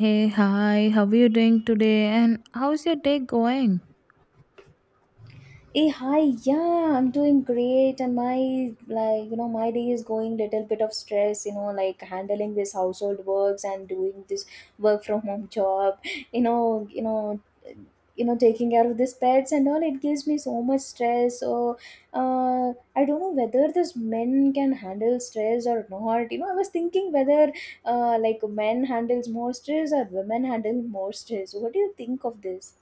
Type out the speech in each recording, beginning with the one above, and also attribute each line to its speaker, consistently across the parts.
Speaker 1: Hey, hi, how are you doing today? And how's your day going?
Speaker 2: Hey, hi, yeah, I'm doing great, and my like my day is going little bit of stress, you know, like handling this household works and doing this work from home job, you know, you know, taking care of these pets and all. It gives me so much stress. So, uh, I don't know whether this men can handle stress or not. You know, I was thinking whether like men handles more stress or women handle more stress. What do you think of this?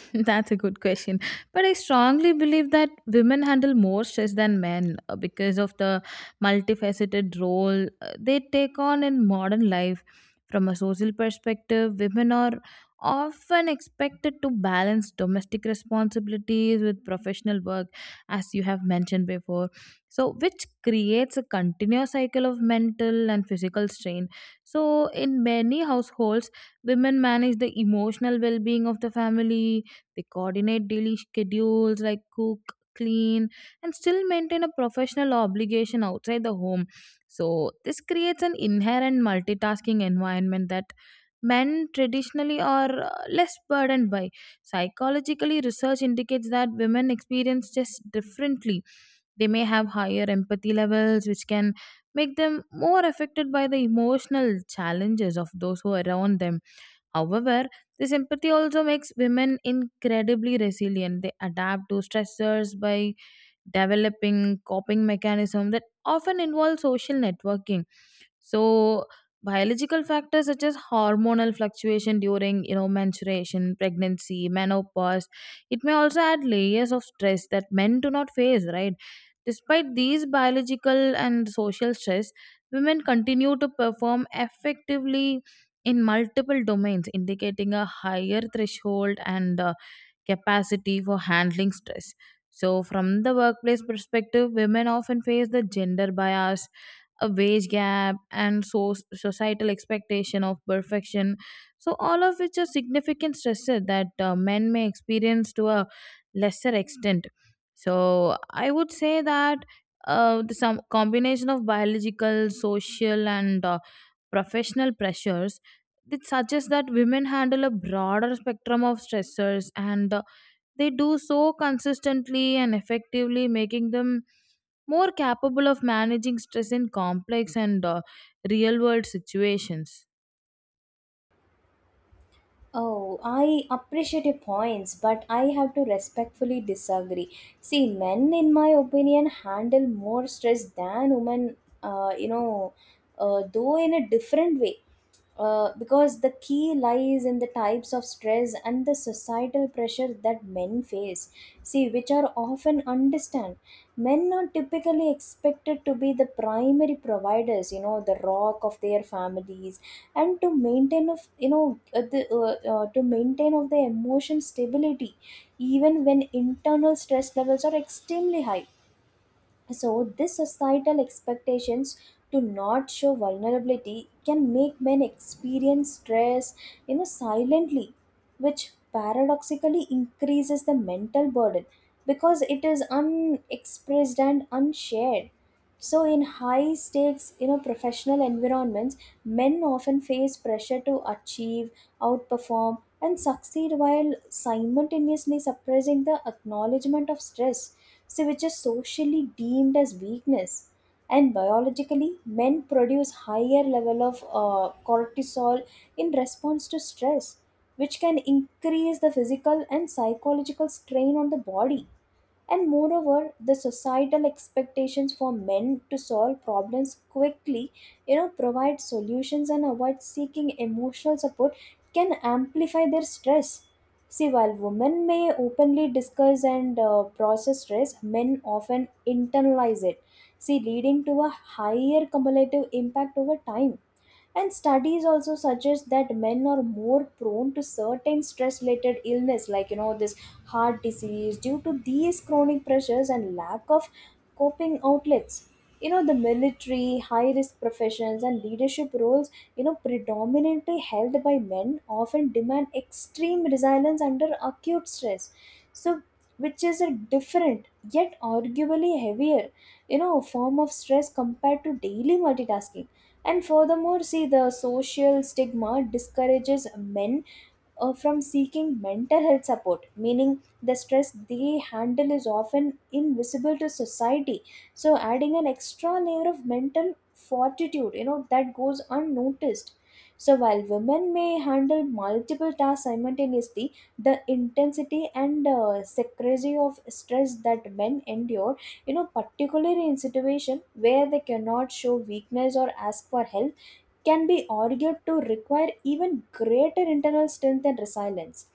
Speaker 1: That's a good question. But I strongly believe that women handle more stress than men because of the multifaceted role they take on in modern life. From a social perspective, women are often expected to balance domestic responsibilities with professional work, as you have mentioned before. So, which creates a continuous cycle of mental and physical strain. So, in many households, women manage the emotional well being of the family, they coordinate daily schedules like cook, clean, and still maintain a professional obligation outside the home. So, this creates an inherent multitasking environment that men traditionally are less burdened by. Psychologically, research indicates that women experience stress differently. They may have higher empathy levels, which can make them more affected by the emotional challenges of those who are around them. However, this empathy also makes women incredibly resilient. They adapt to stressors by developing coping mechanism that often involve social networking. So biological factors such as hormonal fluctuation during menstruation, pregnancy, menopause, it may also add layers of stress that men do not face, right? Despite these biological and social stress, women continue to perform effectively in multiple domains, indicating a higher threshold and capacity for handling stress. So, from the workplace perspective, women often face the gender bias, a wage gap, and societal expectation of perfection. So, all of which are significant stresses that men may experience to a lesser extent. So, I would say that the some combination of biological, social, and professional pressures, it suggests that women handle a broader spectrum of stressors and they do so consistently and effectively, making them more capable of managing stress in complex and real world situations.
Speaker 2: Oh, I appreciate your points, but I have to respectfully disagree. See, men, in my opinion, handle more stress than women, though in a different way. Because the key lies in the types of stress and the societal pressure that many men face, see, which are often understand. Men are typically expected to be the primary providers, you know, the rock of their families, and to maintain of to maintain of the emotion stability, even when internal stress levels are extremely high. So, this societal expectations to not show vulnerability can make men experience stress, you know, silently, which paradoxically increases the mental burden because it is unexpressed and unshared. So, in high stakes, you know, professional environments, men often face pressure to achieve, outperform, and succeed while simultaneously suppressing the acknowledgement of stress, so which is socially deemed as weakness. And biologically, men produce higher level of cortisol in response to stress, which can increase the physical and psychological strain on the body. And moreover, the societal expectations for men to solve problems quickly, you know, provide solutions and avoid seeking emotional support can amplify their stress. See, while women may openly discuss and process stress, men often internalize it. See, leading to a higher cumulative impact over time. And studies also suggest that men are more prone to certain stress related illness like you know this heart disease due to these chronic pressures and lack of coping outlets. You know the military, high risk professions and leadership roles, you know predominantly held by men often demand extreme resilience under acute stress. So which is a different yet arguably heavier you know form of stress compared to daily multitasking. And furthermore, see the social stigma discourages men from seeking mental health support, meaning the stress they handle is often invisible to society. So, adding an extra layer of mental fortitude, you know, that goes unnoticed. So, while women may handle multiple tasks simultaneously, the intensity and secrecy of stress that men endure, you know, particularly in situations where they cannot show weakness or ask for help can be argued to require even greater internal strength and resilience.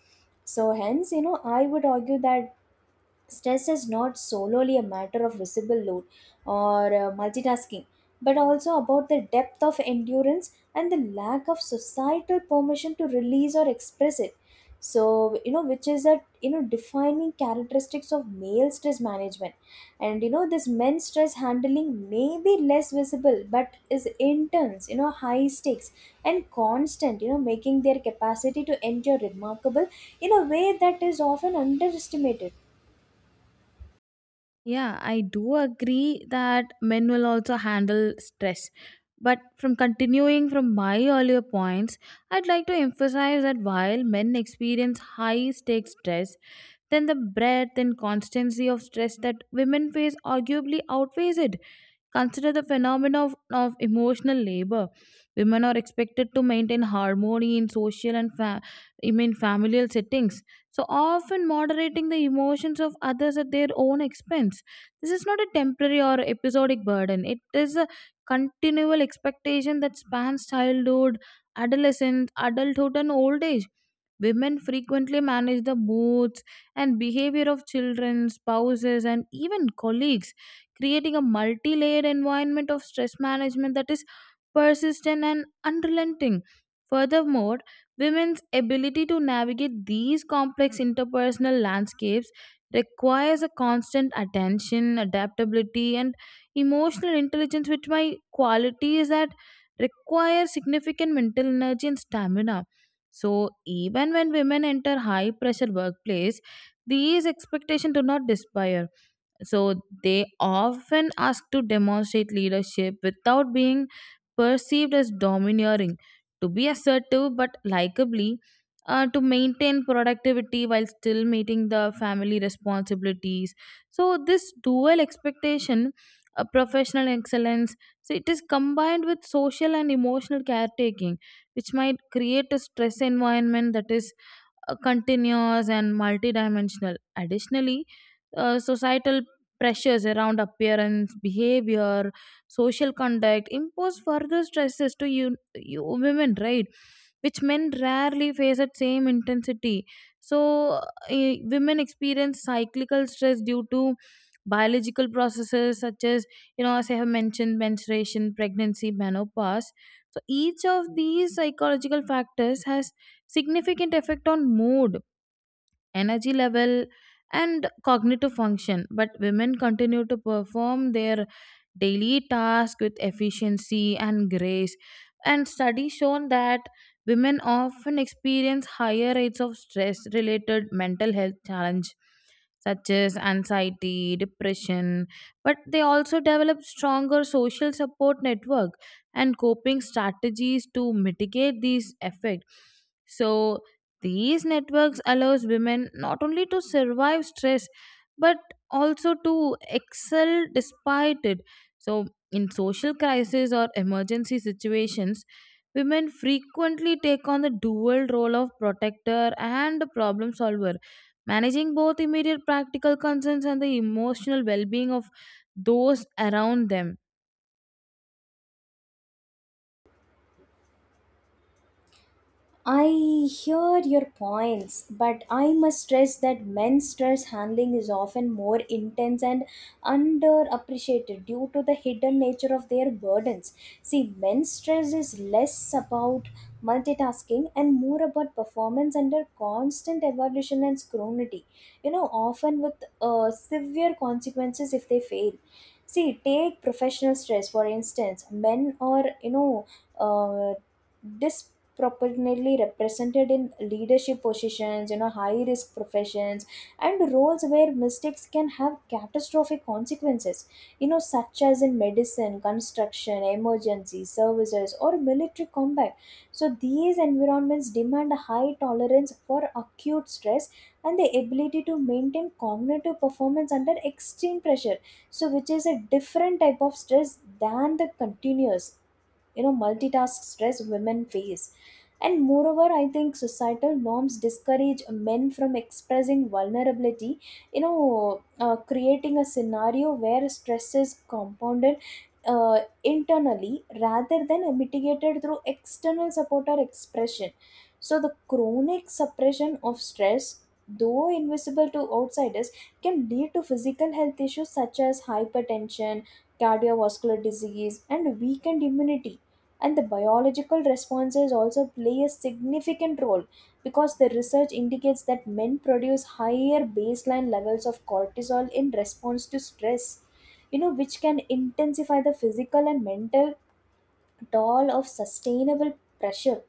Speaker 2: So hence you know I would argue that stress is not solely a matter of visible load or multitasking but also about the depth of endurance and the lack of societal permission to release or express it. So you know which is a you know defining characteristics of male stress management. And you know this men's stress handling may be less visible but is intense, you know, high stakes and constant, you know, making their capacity to endure remarkable in a way that is often underestimated.
Speaker 1: Yeah, I do agree that men will also handle stress, but from continuing from my earlier points, I'd like to emphasize that while men experience high stakes stress, then the breadth and constancy of stress that women face arguably outweighs it. Consider the phenomenon of emotional labor. Women are expected to maintain harmony in social and I mean familial settings, so often moderating the emotions of others at their own expense. This is not a temporary or episodic burden, it is a continual expectation that spans childhood, adolescence, adulthood, and old age. Women frequently manage the moods and behavior of children, spouses, and even colleagues, creating a multi layered environment of stress management that is persistent and unrelenting. Furthermore, women's ability to navigate these complex interpersonal landscapes requires a constant attention, adaptability, and emotional intelligence, which my qualities that require significant mental energy and stamina. So even when women enter high pressure workplace, these expectations do not disappear. So they often ask to demonstrate leadership without being perceived as domineering, to be assertive but likably, to maintain productivity while still meeting the family responsibilities. So this dual expectation, professional excellence, so it is combined with social and emotional caretaking, which might create a stress environment that is continuous and multidimensional. Additionally, societal pressures around appearance, behavior, social conduct impose further stresses to you women, right? Which men rarely face at same intensity. So, women experience cyclical stress due to biological processes such as, as I have mentioned, menstruation, pregnancy, menopause. So each of these psychological factors has significant effect on mood, energy level, and cognitive function. But women continue to perform their daily task with efficiency and grace. And studies shown that women often experience higher rates of stress related mental health challenge such as anxiety, depression, but they also develop stronger social support network and coping strategies to mitigate these effects. So these networks allows women not only to survive stress but also to excel despite it. So in social crisis or emergency situations, women frequently take on the dual role of protector and problem solver, managing both immediate practical concerns and the emotional well-being of those around them.
Speaker 2: I hear your points, but I must stress that men's stress handling is often more intense and underappreciated due to the hidden nature of their burdens. See, men's stress is less about multitasking and more about performance under constant evaluation and scrutiny, you know, often with severe consequences if they fail. See, take professional stress, for instance, men are, uh, dis properly represented in leadership positions, you know, high risk professions and roles where mistakes can have catastrophic consequences, you know, such as in medicine, construction, emergency services or military combat. So these environments demand a high tolerance for acute stress and the ability to maintain cognitive performance under extreme pressure. So which is a different type of stress than the continuous you know multitask stress women face. And moreover I think societal norms discourage men from expressing vulnerability, creating a scenario where stress is compounded internally rather than mitigated through external support or expression. So the chronic suppression of stress, though invisible to outsiders, can lead to physical health issues such as hypertension, cardiovascular disease and weakened immunity. And the biological responses also play a significant role because the research indicates that men produce higher baseline levels of cortisol in response to stress, you know, which can intensify the physical and mental toll of sustainable pressure.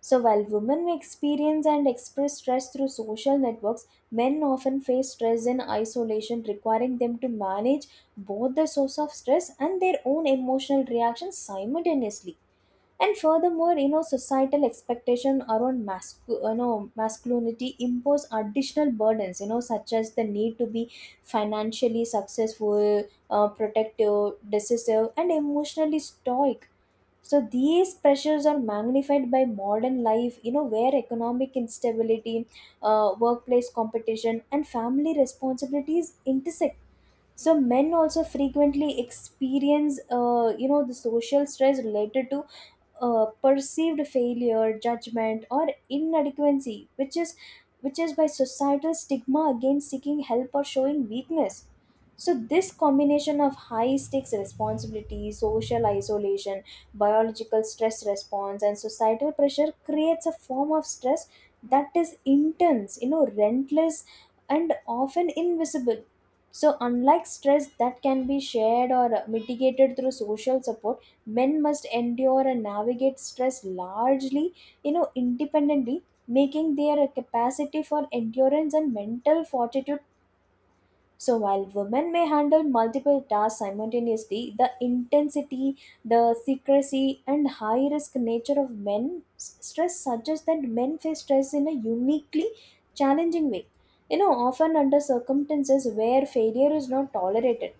Speaker 2: So while women may experience and express stress through social networks, men often face stress in isolation requiring them to manage both the source of stress and their own emotional reactions simultaneously. And furthermore you know societal expectation around you know, masculinity impose additional burdens, you know, such as the need to be financially successful, protective, decisive and emotionally stoic. So these pressures are magnified by modern life, you know, where economic instability, workplace competition and family responsibilities intersect. So men also frequently experience the social stress related to perceived failure, judgment, or inadequacy, which is by societal stigma against seeking help or showing weakness. So this combination of high stakes responsibility, social isolation, biological stress response, and societal pressure creates a form of stress that is intense, you know, relentless, and often invisible. So unlike stress that can be shared or mitigated through social support, men must endure and navigate stress largely you know independently, making their capacity for endurance and mental fortitude. So while women may handle multiple tasks simultaneously, the intensity, the secrecy and high risk nature of stress suggests that men face stress in a uniquely challenging way, you know, often under circumstances where failure is not tolerated.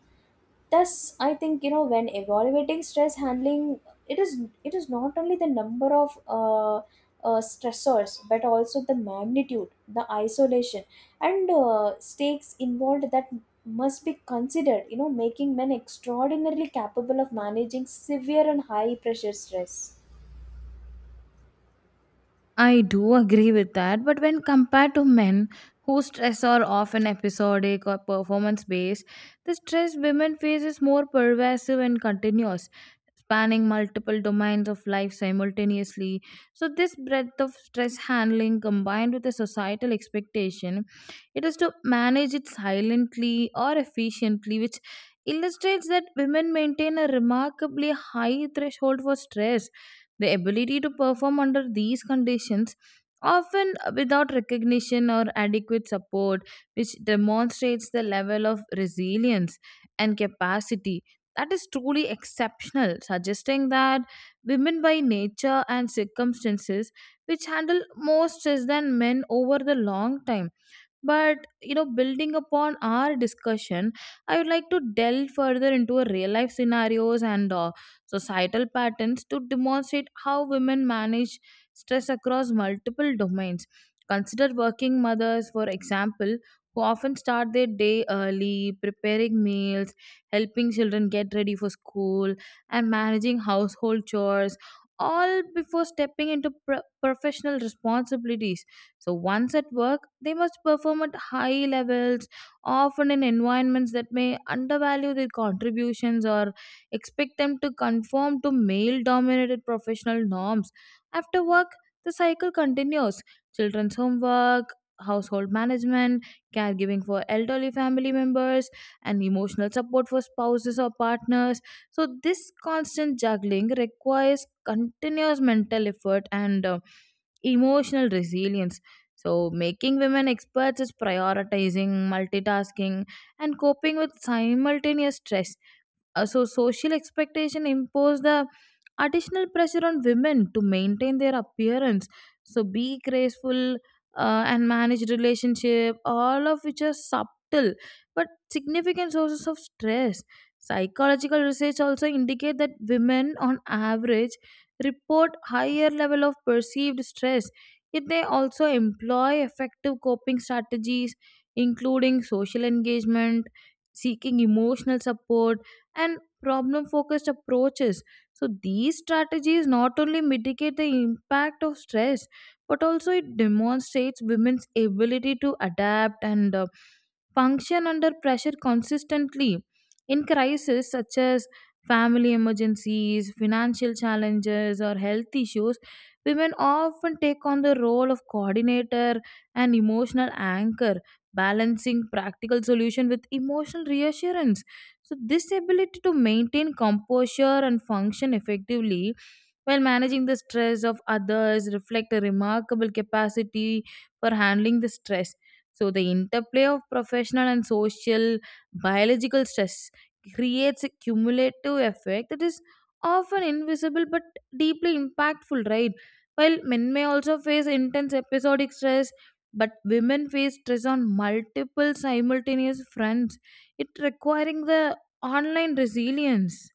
Speaker 2: Thus I think you know when evaluating stress handling it is it is not only the number of uh, stressors but also the magnitude, the isolation and stakes involved that must be considered, you know, making men extraordinarily capable of managing severe and high pressure stress.
Speaker 1: I do agree with that, but when compared to men whose stress are often episodic or performance based, the stress women face is more pervasive and continuous, spanning multiple domains of life simultaneously. So, this breadth of stress handling combined with the societal expectation, it is to manage it silently or efficiently, which illustrates that women maintain a remarkably high threshold for stress, the ability to perform under these conditions, often without recognition or adequate support, which demonstrates the level of resilience and capacity that is truly exceptional, suggesting that women by nature and circumstances which handle more stress than men over the long time. But building upon our discussion, I would like to delve further into a real life scenarios and societal patterns to demonstrate how women manage stress across multiple domains. Consider working mothers, for example, who often start their day early, preparing meals, helping children get ready for school, and managing household chores, all before stepping into professional responsibilities. So once at work, they must perform at high levels, often in environments that may undervalue their contributions or expect them to conform to male dominated professional norms. After work, the cycle continues. Children's homework, household management, caregiving for elderly family members, and emotional support for spouses or partners. So, this constant juggling requires continuous mental effort and emotional resilience. So, making women experts is prioritizing multitasking and coping with simultaneous stress. So social expectation impose the additional pressure on women to maintain their appearance, so be graceful, and manage relationship, all of which are subtle but significant sources of stress. Psychological research also indicate that women on average report higher level of perceived stress, yet they also employ effective coping strategies including social engagement, seeking emotional support, and problem focused approaches. So, these strategies not only mitigate the impact of stress but also it demonstrates women's ability to adapt and function under pressure consistently. In crises such as family emergencies, financial challenges, or health issues, women often take on the role of coordinator and emotional anchor, balancing practical solution with emotional reassurance. So, this ability to maintain composure and function effectively while managing the stress of others reflect a remarkable capacity for handling the stress. So, the interplay of professional and social biological stress creates a cumulative effect that is often invisible but deeply impactful, right? While men may also face intense episodic stress, but women face stress on multiple simultaneous fronts, it requiring the online resilience.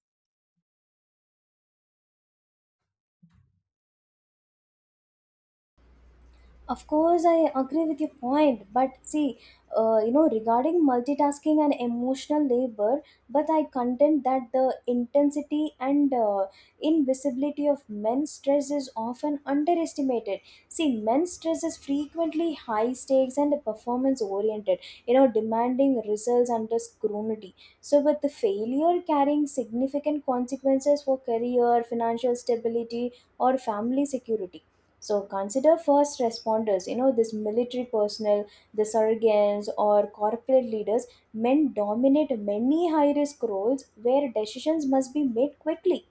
Speaker 2: Of course, I agree with your point, but see, you know, regarding multitasking and emotional labor, but I contend that the intensity and invisibility of men's stress is often underestimated. See, men's stress is frequently high stakes and performance oriented, you know, demanding results under scrutiny. So, with the failure carrying significant consequences for career, financial stability, or family security. So consider first responders, you know, this military personnel, the surgeons or corporate leaders, men dominate many high risk roles where decisions must be made quickly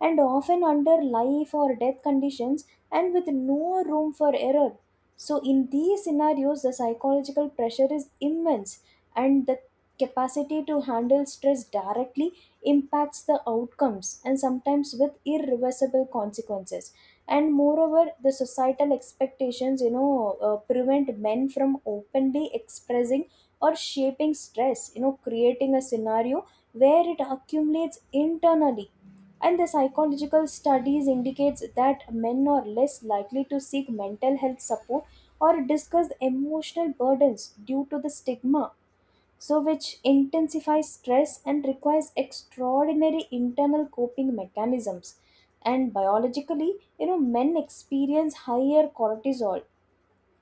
Speaker 2: and often under life or death conditions and with no room for error. So, in these scenarios, the psychological pressure is immense and the capacity to handle stress directly impacts the outcomes and sometimes with irreversible consequences. And moreover the societal expectations you know prevent men from openly expressing or shaping stress, you know, creating a scenario where it accumulates internally. And the psychological studies indicates that men are less likely to seek mental health support or discuss emotional burdens due to the stigma, so which intensifies stress and requires extraordinary internal coping mechanisms. And biologically, you know, men experience higher cortisol,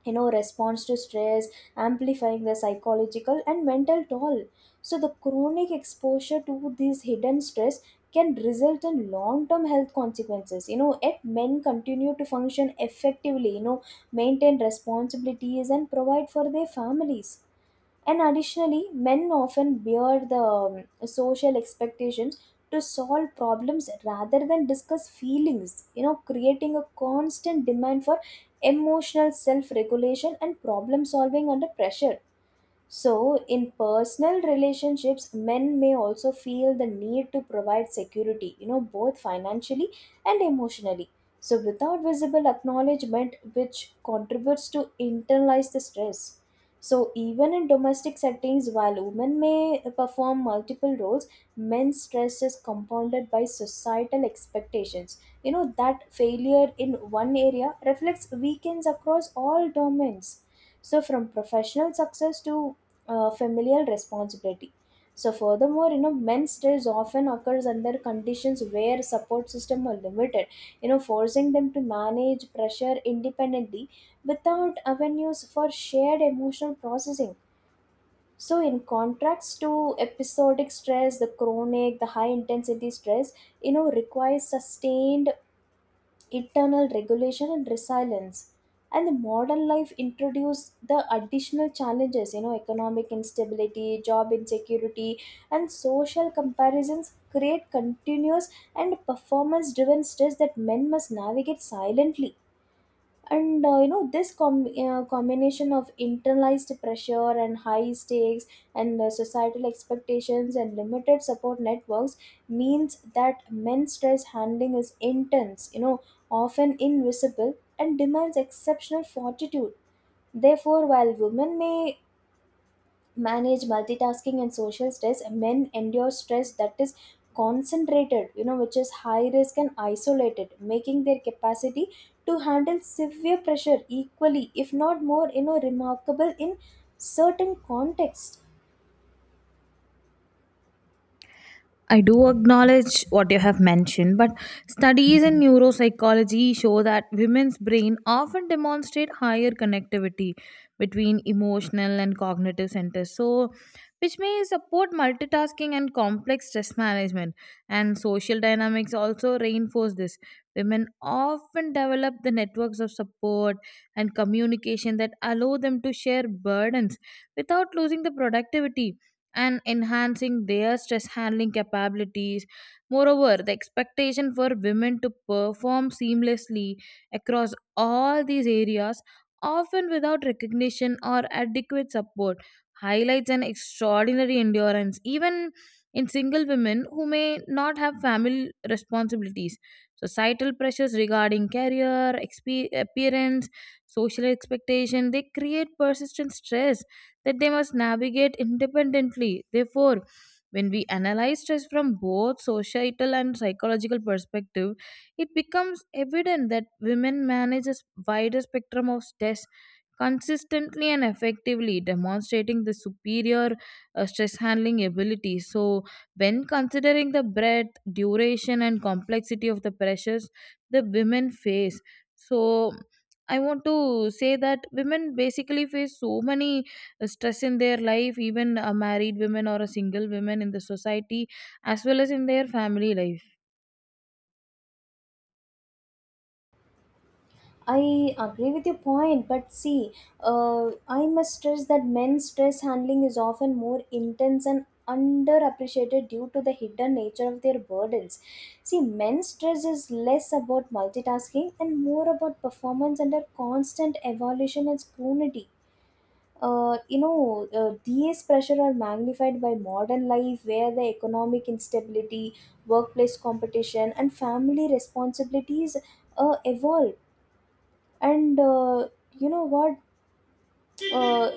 Speaker 2: you know, response to stress, amplifying the psychological and mental toll. So the chronic exposure to this hidden stress can result in long term health consequences, you know, yet men continue to function effectively, you know, maintain responsibilities and provide for their families. And additionally, men often bear the social expectations to solve problems rather than discuss feelings, you know, creating a constant demand for emotional self regulation and problem solving under pressure. So, in personal relationships, men may also feel the need to provide security, you know, both financially and emotionally. So, without visible acknowledgement, which contributes to internalize the stress. So, even in domestic settings, while women may perform multiple roles, men's stress is compounded by societal expectations. You know, that failure in one area reflects weakness across all domains, so from professional success to familial responsibility. So furthermore, men's stress often occurs under conditions where support system are limited, you know, forcing them to manage pressure independently, without avenues for shared emotional processing. So in contrast to episodic stress, the high intensity stress, you know, requires sustained internal regulation and resilience. And the modern life introduced the additional challenges, you know, economic instability, job insecurity, and social comparisons create continuous and performance driven stress that men must navigate silently. And you know, this combination of internalized pressure and high stakes and, societal expectations and limited support networks means that men's stress handling is intense, you know, often invisible and demands exceptional fortitude. Therefore, while women may manage multitasking and social stress, men endure stress that is concentrated, you know, which is high risk and isolated, making their capacity to handle severe pressure equally, if not more, you know, remarkable in certain contexts.
Speaker 1: I do acknowledge what you have mentioned, but studies in neuropsychology show that women's brain often demonstrate higher connectivity between emotional and cognitive centers, so which may support multitasking and complex stress management. And social dynamics also reinforce this. Women often develop the networks of support and communication that allow them to share burdens without losing the productivity and enhancing their stress handling capabilities. Moreover, the expectation for women to perform seamlessly across all these areas, often without recognition or adequate support, highlights an extraordinary endurance, even in single women who may not have family responsibilities. Societal pressures regarding career, appearance, social expectation, they create persistent stress that they must navigate independently. Therefore, when we analyze stress from both societal and psychological perspective, it becomes evident that women manage a wider spectrum of stress consistently and effectively, demonstrating the superior stress handling ability. So, when considering the breadth, duration, and complexity of the pressures the women face, so I want to say that women basically face so many stress in their life, even a married women or a single women in the society as well as in their family life.
Speaker 2: I agree with your point, but see, I must stress that men's stress handling is often more intense and underappreciated due to the hidden nature of their burdens. See, men's stress is less about multitasking and more about performance under constant evaluation and scrutiny. These pressure are magnified by modern life where the economic instability, workplace competition, and family responsibilities evolve. And you know what uh,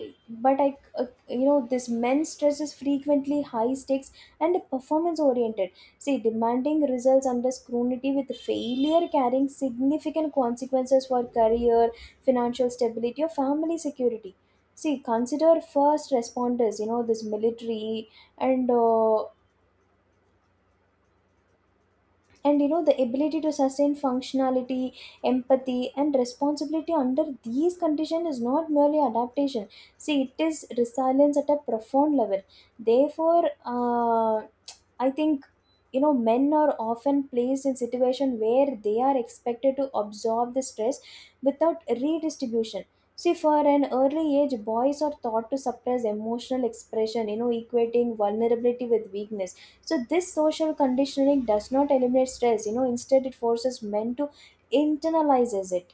Speaker 2: but I You know, this men's stress is frequently high stakes and performance oriented. See, demanding results under scrutiny with failure carrying significant consequences for career, financial stability, or family security. See, consider first responders, you know, this military, and uh, and you know, the ability to sustain functionality, empathy, and responsibility under these conditions is not merely adaptation. See, it is resilience at a profound level. Therefore uh, I think, you know, men are often placed in situation where they are expected to absorb the stress without redistribution. See, for an early age, boys are taught to suppress emotional expression, you know, equating vulnerability with weakness. So this social conditioning does not eliminate stress, you know, instead it forces men to internalizes it.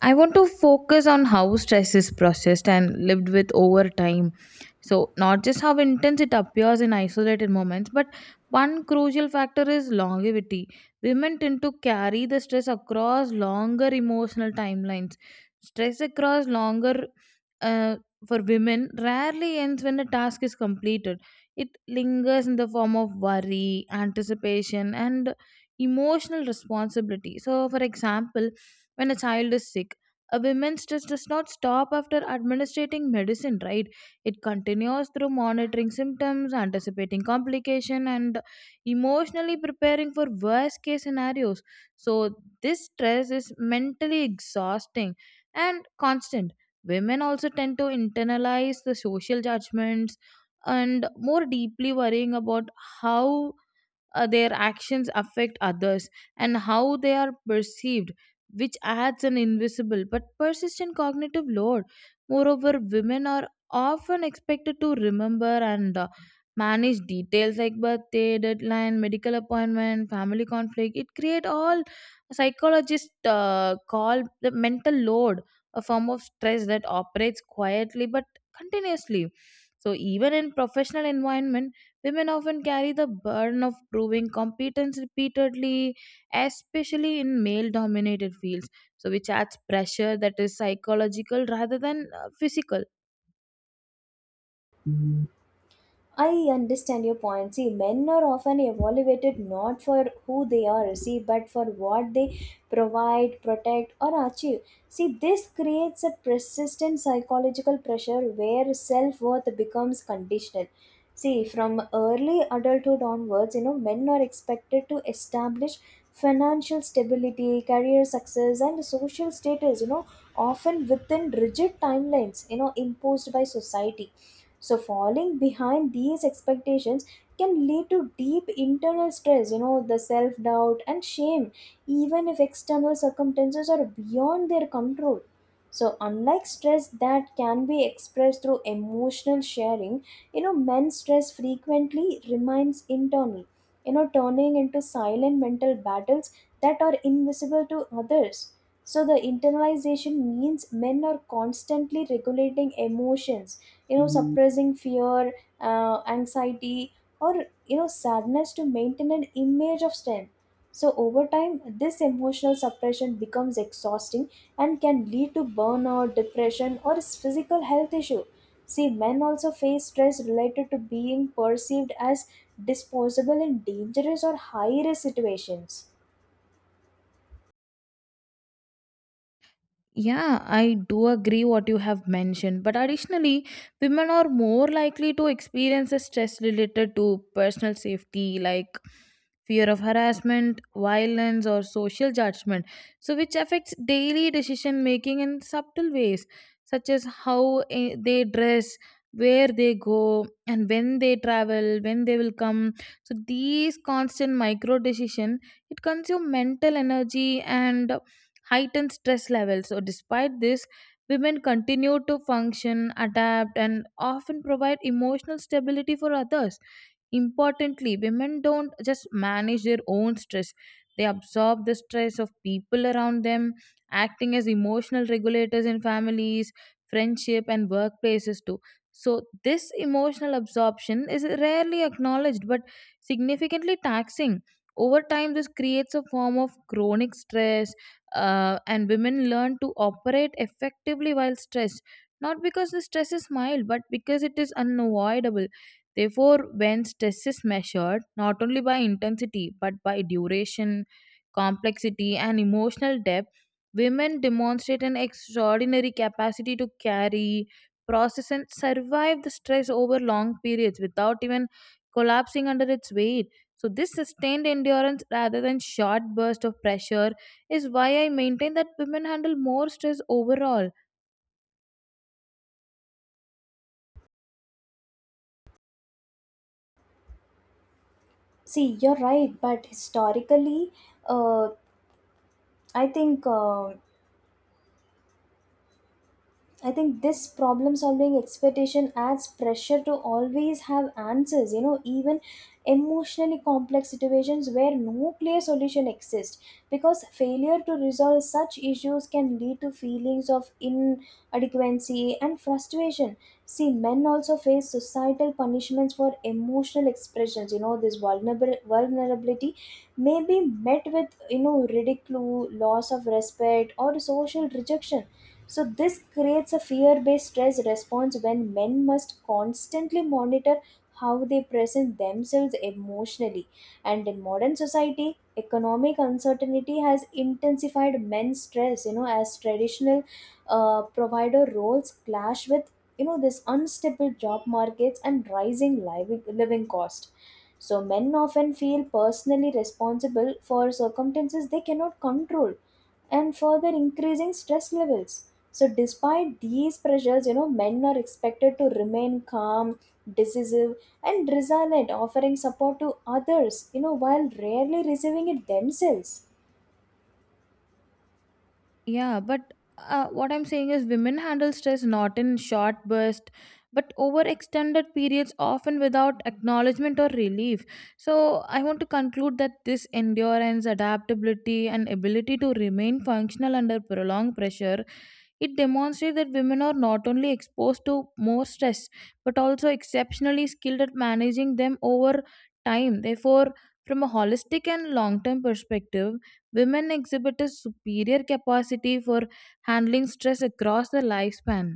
Speaker 1: I want to focus on how stress is processed and lived with over time. So, not just how intense it appears in isolated moments, but one crucial factor is longevity. Women tend to carry the stress across longer emotional timelines. Stress across longer, uh, for women rarely ends when the task is completed, it lingers in the form of worry, anticipation, and emotional responsibility. So, for example, when a child is sick. A women's stress does not stop after administering medicine, right? It continues through monitoring symptoms, anticipating complication, and emotionally preparing for worst case scenarios. So this stress is mentally exhausting and constant. Women also tend to internalize the social judgments and more deeply worrying about how their actions affect others and how they are perceived, which adds an invisible but persistent cognitive load. Moreover, women are often expected to remember and manage details like birthday, deadline, medical appointment, family conflict. It create all psychologists call the mental load, a form of stress that operates quietly but continuously. So even in professional environment, women often carry the burden of proving competence repeatedly, especially in male dominated fields. So, which adds pressure that is psychological rather than physical.
Speaker 2: I understand your point. See, men are often evaluated not for who they are, see, but for what they provide, protect, or achieve. See, this creates a persistent psychological pressure where self worth becomes conditional. See, from early adulthood onwards, you know, men are expected to establish financial stability, career success, and social status, you know, often within rigid timelines, you know, imposed by society. So falling behind these expectations can lead to deep internal stress, you know, the self doubt and shame, even if external circumstances are beyond their control. So unlike stress that can be expressed through emotional sharing, you know, men's stress frequently remains internal, you know, turning into silent mental battles that are invisible to others. So the internalization means men are constantly regulating emotions, you know, suppressing fear, anxiety, or you know, sadness to maintain an image of strength. So over time, this emotional suppression becomes exhausting and can lead to burnout, depression, or physical health issue. See, men also face stress related to being perceived as disposable in dangerous or high risk situations.
Speaker 1: Yeah, I do agree what you have mentioned, but additionally, women are more likely to experience a stress related to personal safety like fear of harassment, violence or social judgment. So which affects daily decision making in subtle ways such as how they dress, where they go and when they travel, when they will come. So these constant micro decision, it consume mental energy and heightened stress levels. So, despite this, women continue to function, adapt, and often provide emotional stability for others. Importantly, women don't just manage their own stress, they absorb the stress of people around them, acting as emotional regulators in families, friendship, and workplaces too. So, this emotional absorption is rarely acknowledged but significantly taxing. Over time, this creates a form of chronic stress, and women learn to operate effectively while stressed, not because the stress is mild, but because it is unavoidable. Therefore, when stress is measured not only by intensity but by duration, complexity, and emotional depth, women demonstrate an extraordinary capacity to carry, process, and survive the stress over long periods without even collapsing under its weight. So, this sustained endurance rather than short burst of pressure is why I maintain that women handle more stress overall.
Speaker 2: See, you're right, but historically, uh, i think uh, I think this problem solving expectation adds pressure to always have answers, you know, even emotionally complex situations where no clear solution exists. Because failure to resolve such issues can lead to feelings of inadequacy and frustration. See, men also face societal punishments for emotional expressions, you know, this vulnerable vulnerability may be met with, you know, ridicule, loss of respect, or social rejection. So, this creates a fear based stress response when men must constantly monitor how they present themselves emotionally. And in modern society, economic uncertainty has intensified men's stress, you know, as traditional provider roles clash with, you know, this unstable job markets and rising living cost. So, men often feel personally responsible for circumstances they cannot control, and further increasing stress levels. So, despite these pressures, you know, men are expected to remain calm, decisive, and resilient, offering support to others, you know, while rarely receiving it themselves.
Speaker 1: Yeah, but what I'm saying is women handle stress not in short bursts, but over extended periods, often without acknowledgement or relief. So I want to conclude that this endurance, adaptability, and ability to remain functional under prolonged pressure. It demonstrates that women are not only exposed to more stress but also exceptionally skilled at managing them over time. Therefore, from a holistic and long term perspective, women exhibit a superior capacity for handling stress across the lifespan.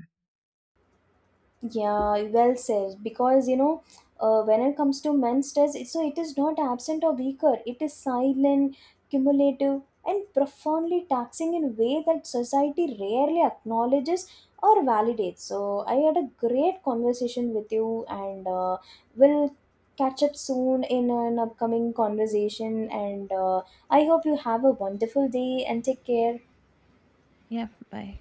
Speaker 2: Yeah, well said. Because you know, when it comes to men's stress, so it is not absent or weaker. It is silent, cumulative, and profoundly taxing in a way that society rarely acknowledges or validates. So I had a great conversation with you, and we'll catch up soon in an upcoming conversation. And I hope you have a wonderful day and take care.
Speaker 1: Yeah, bye.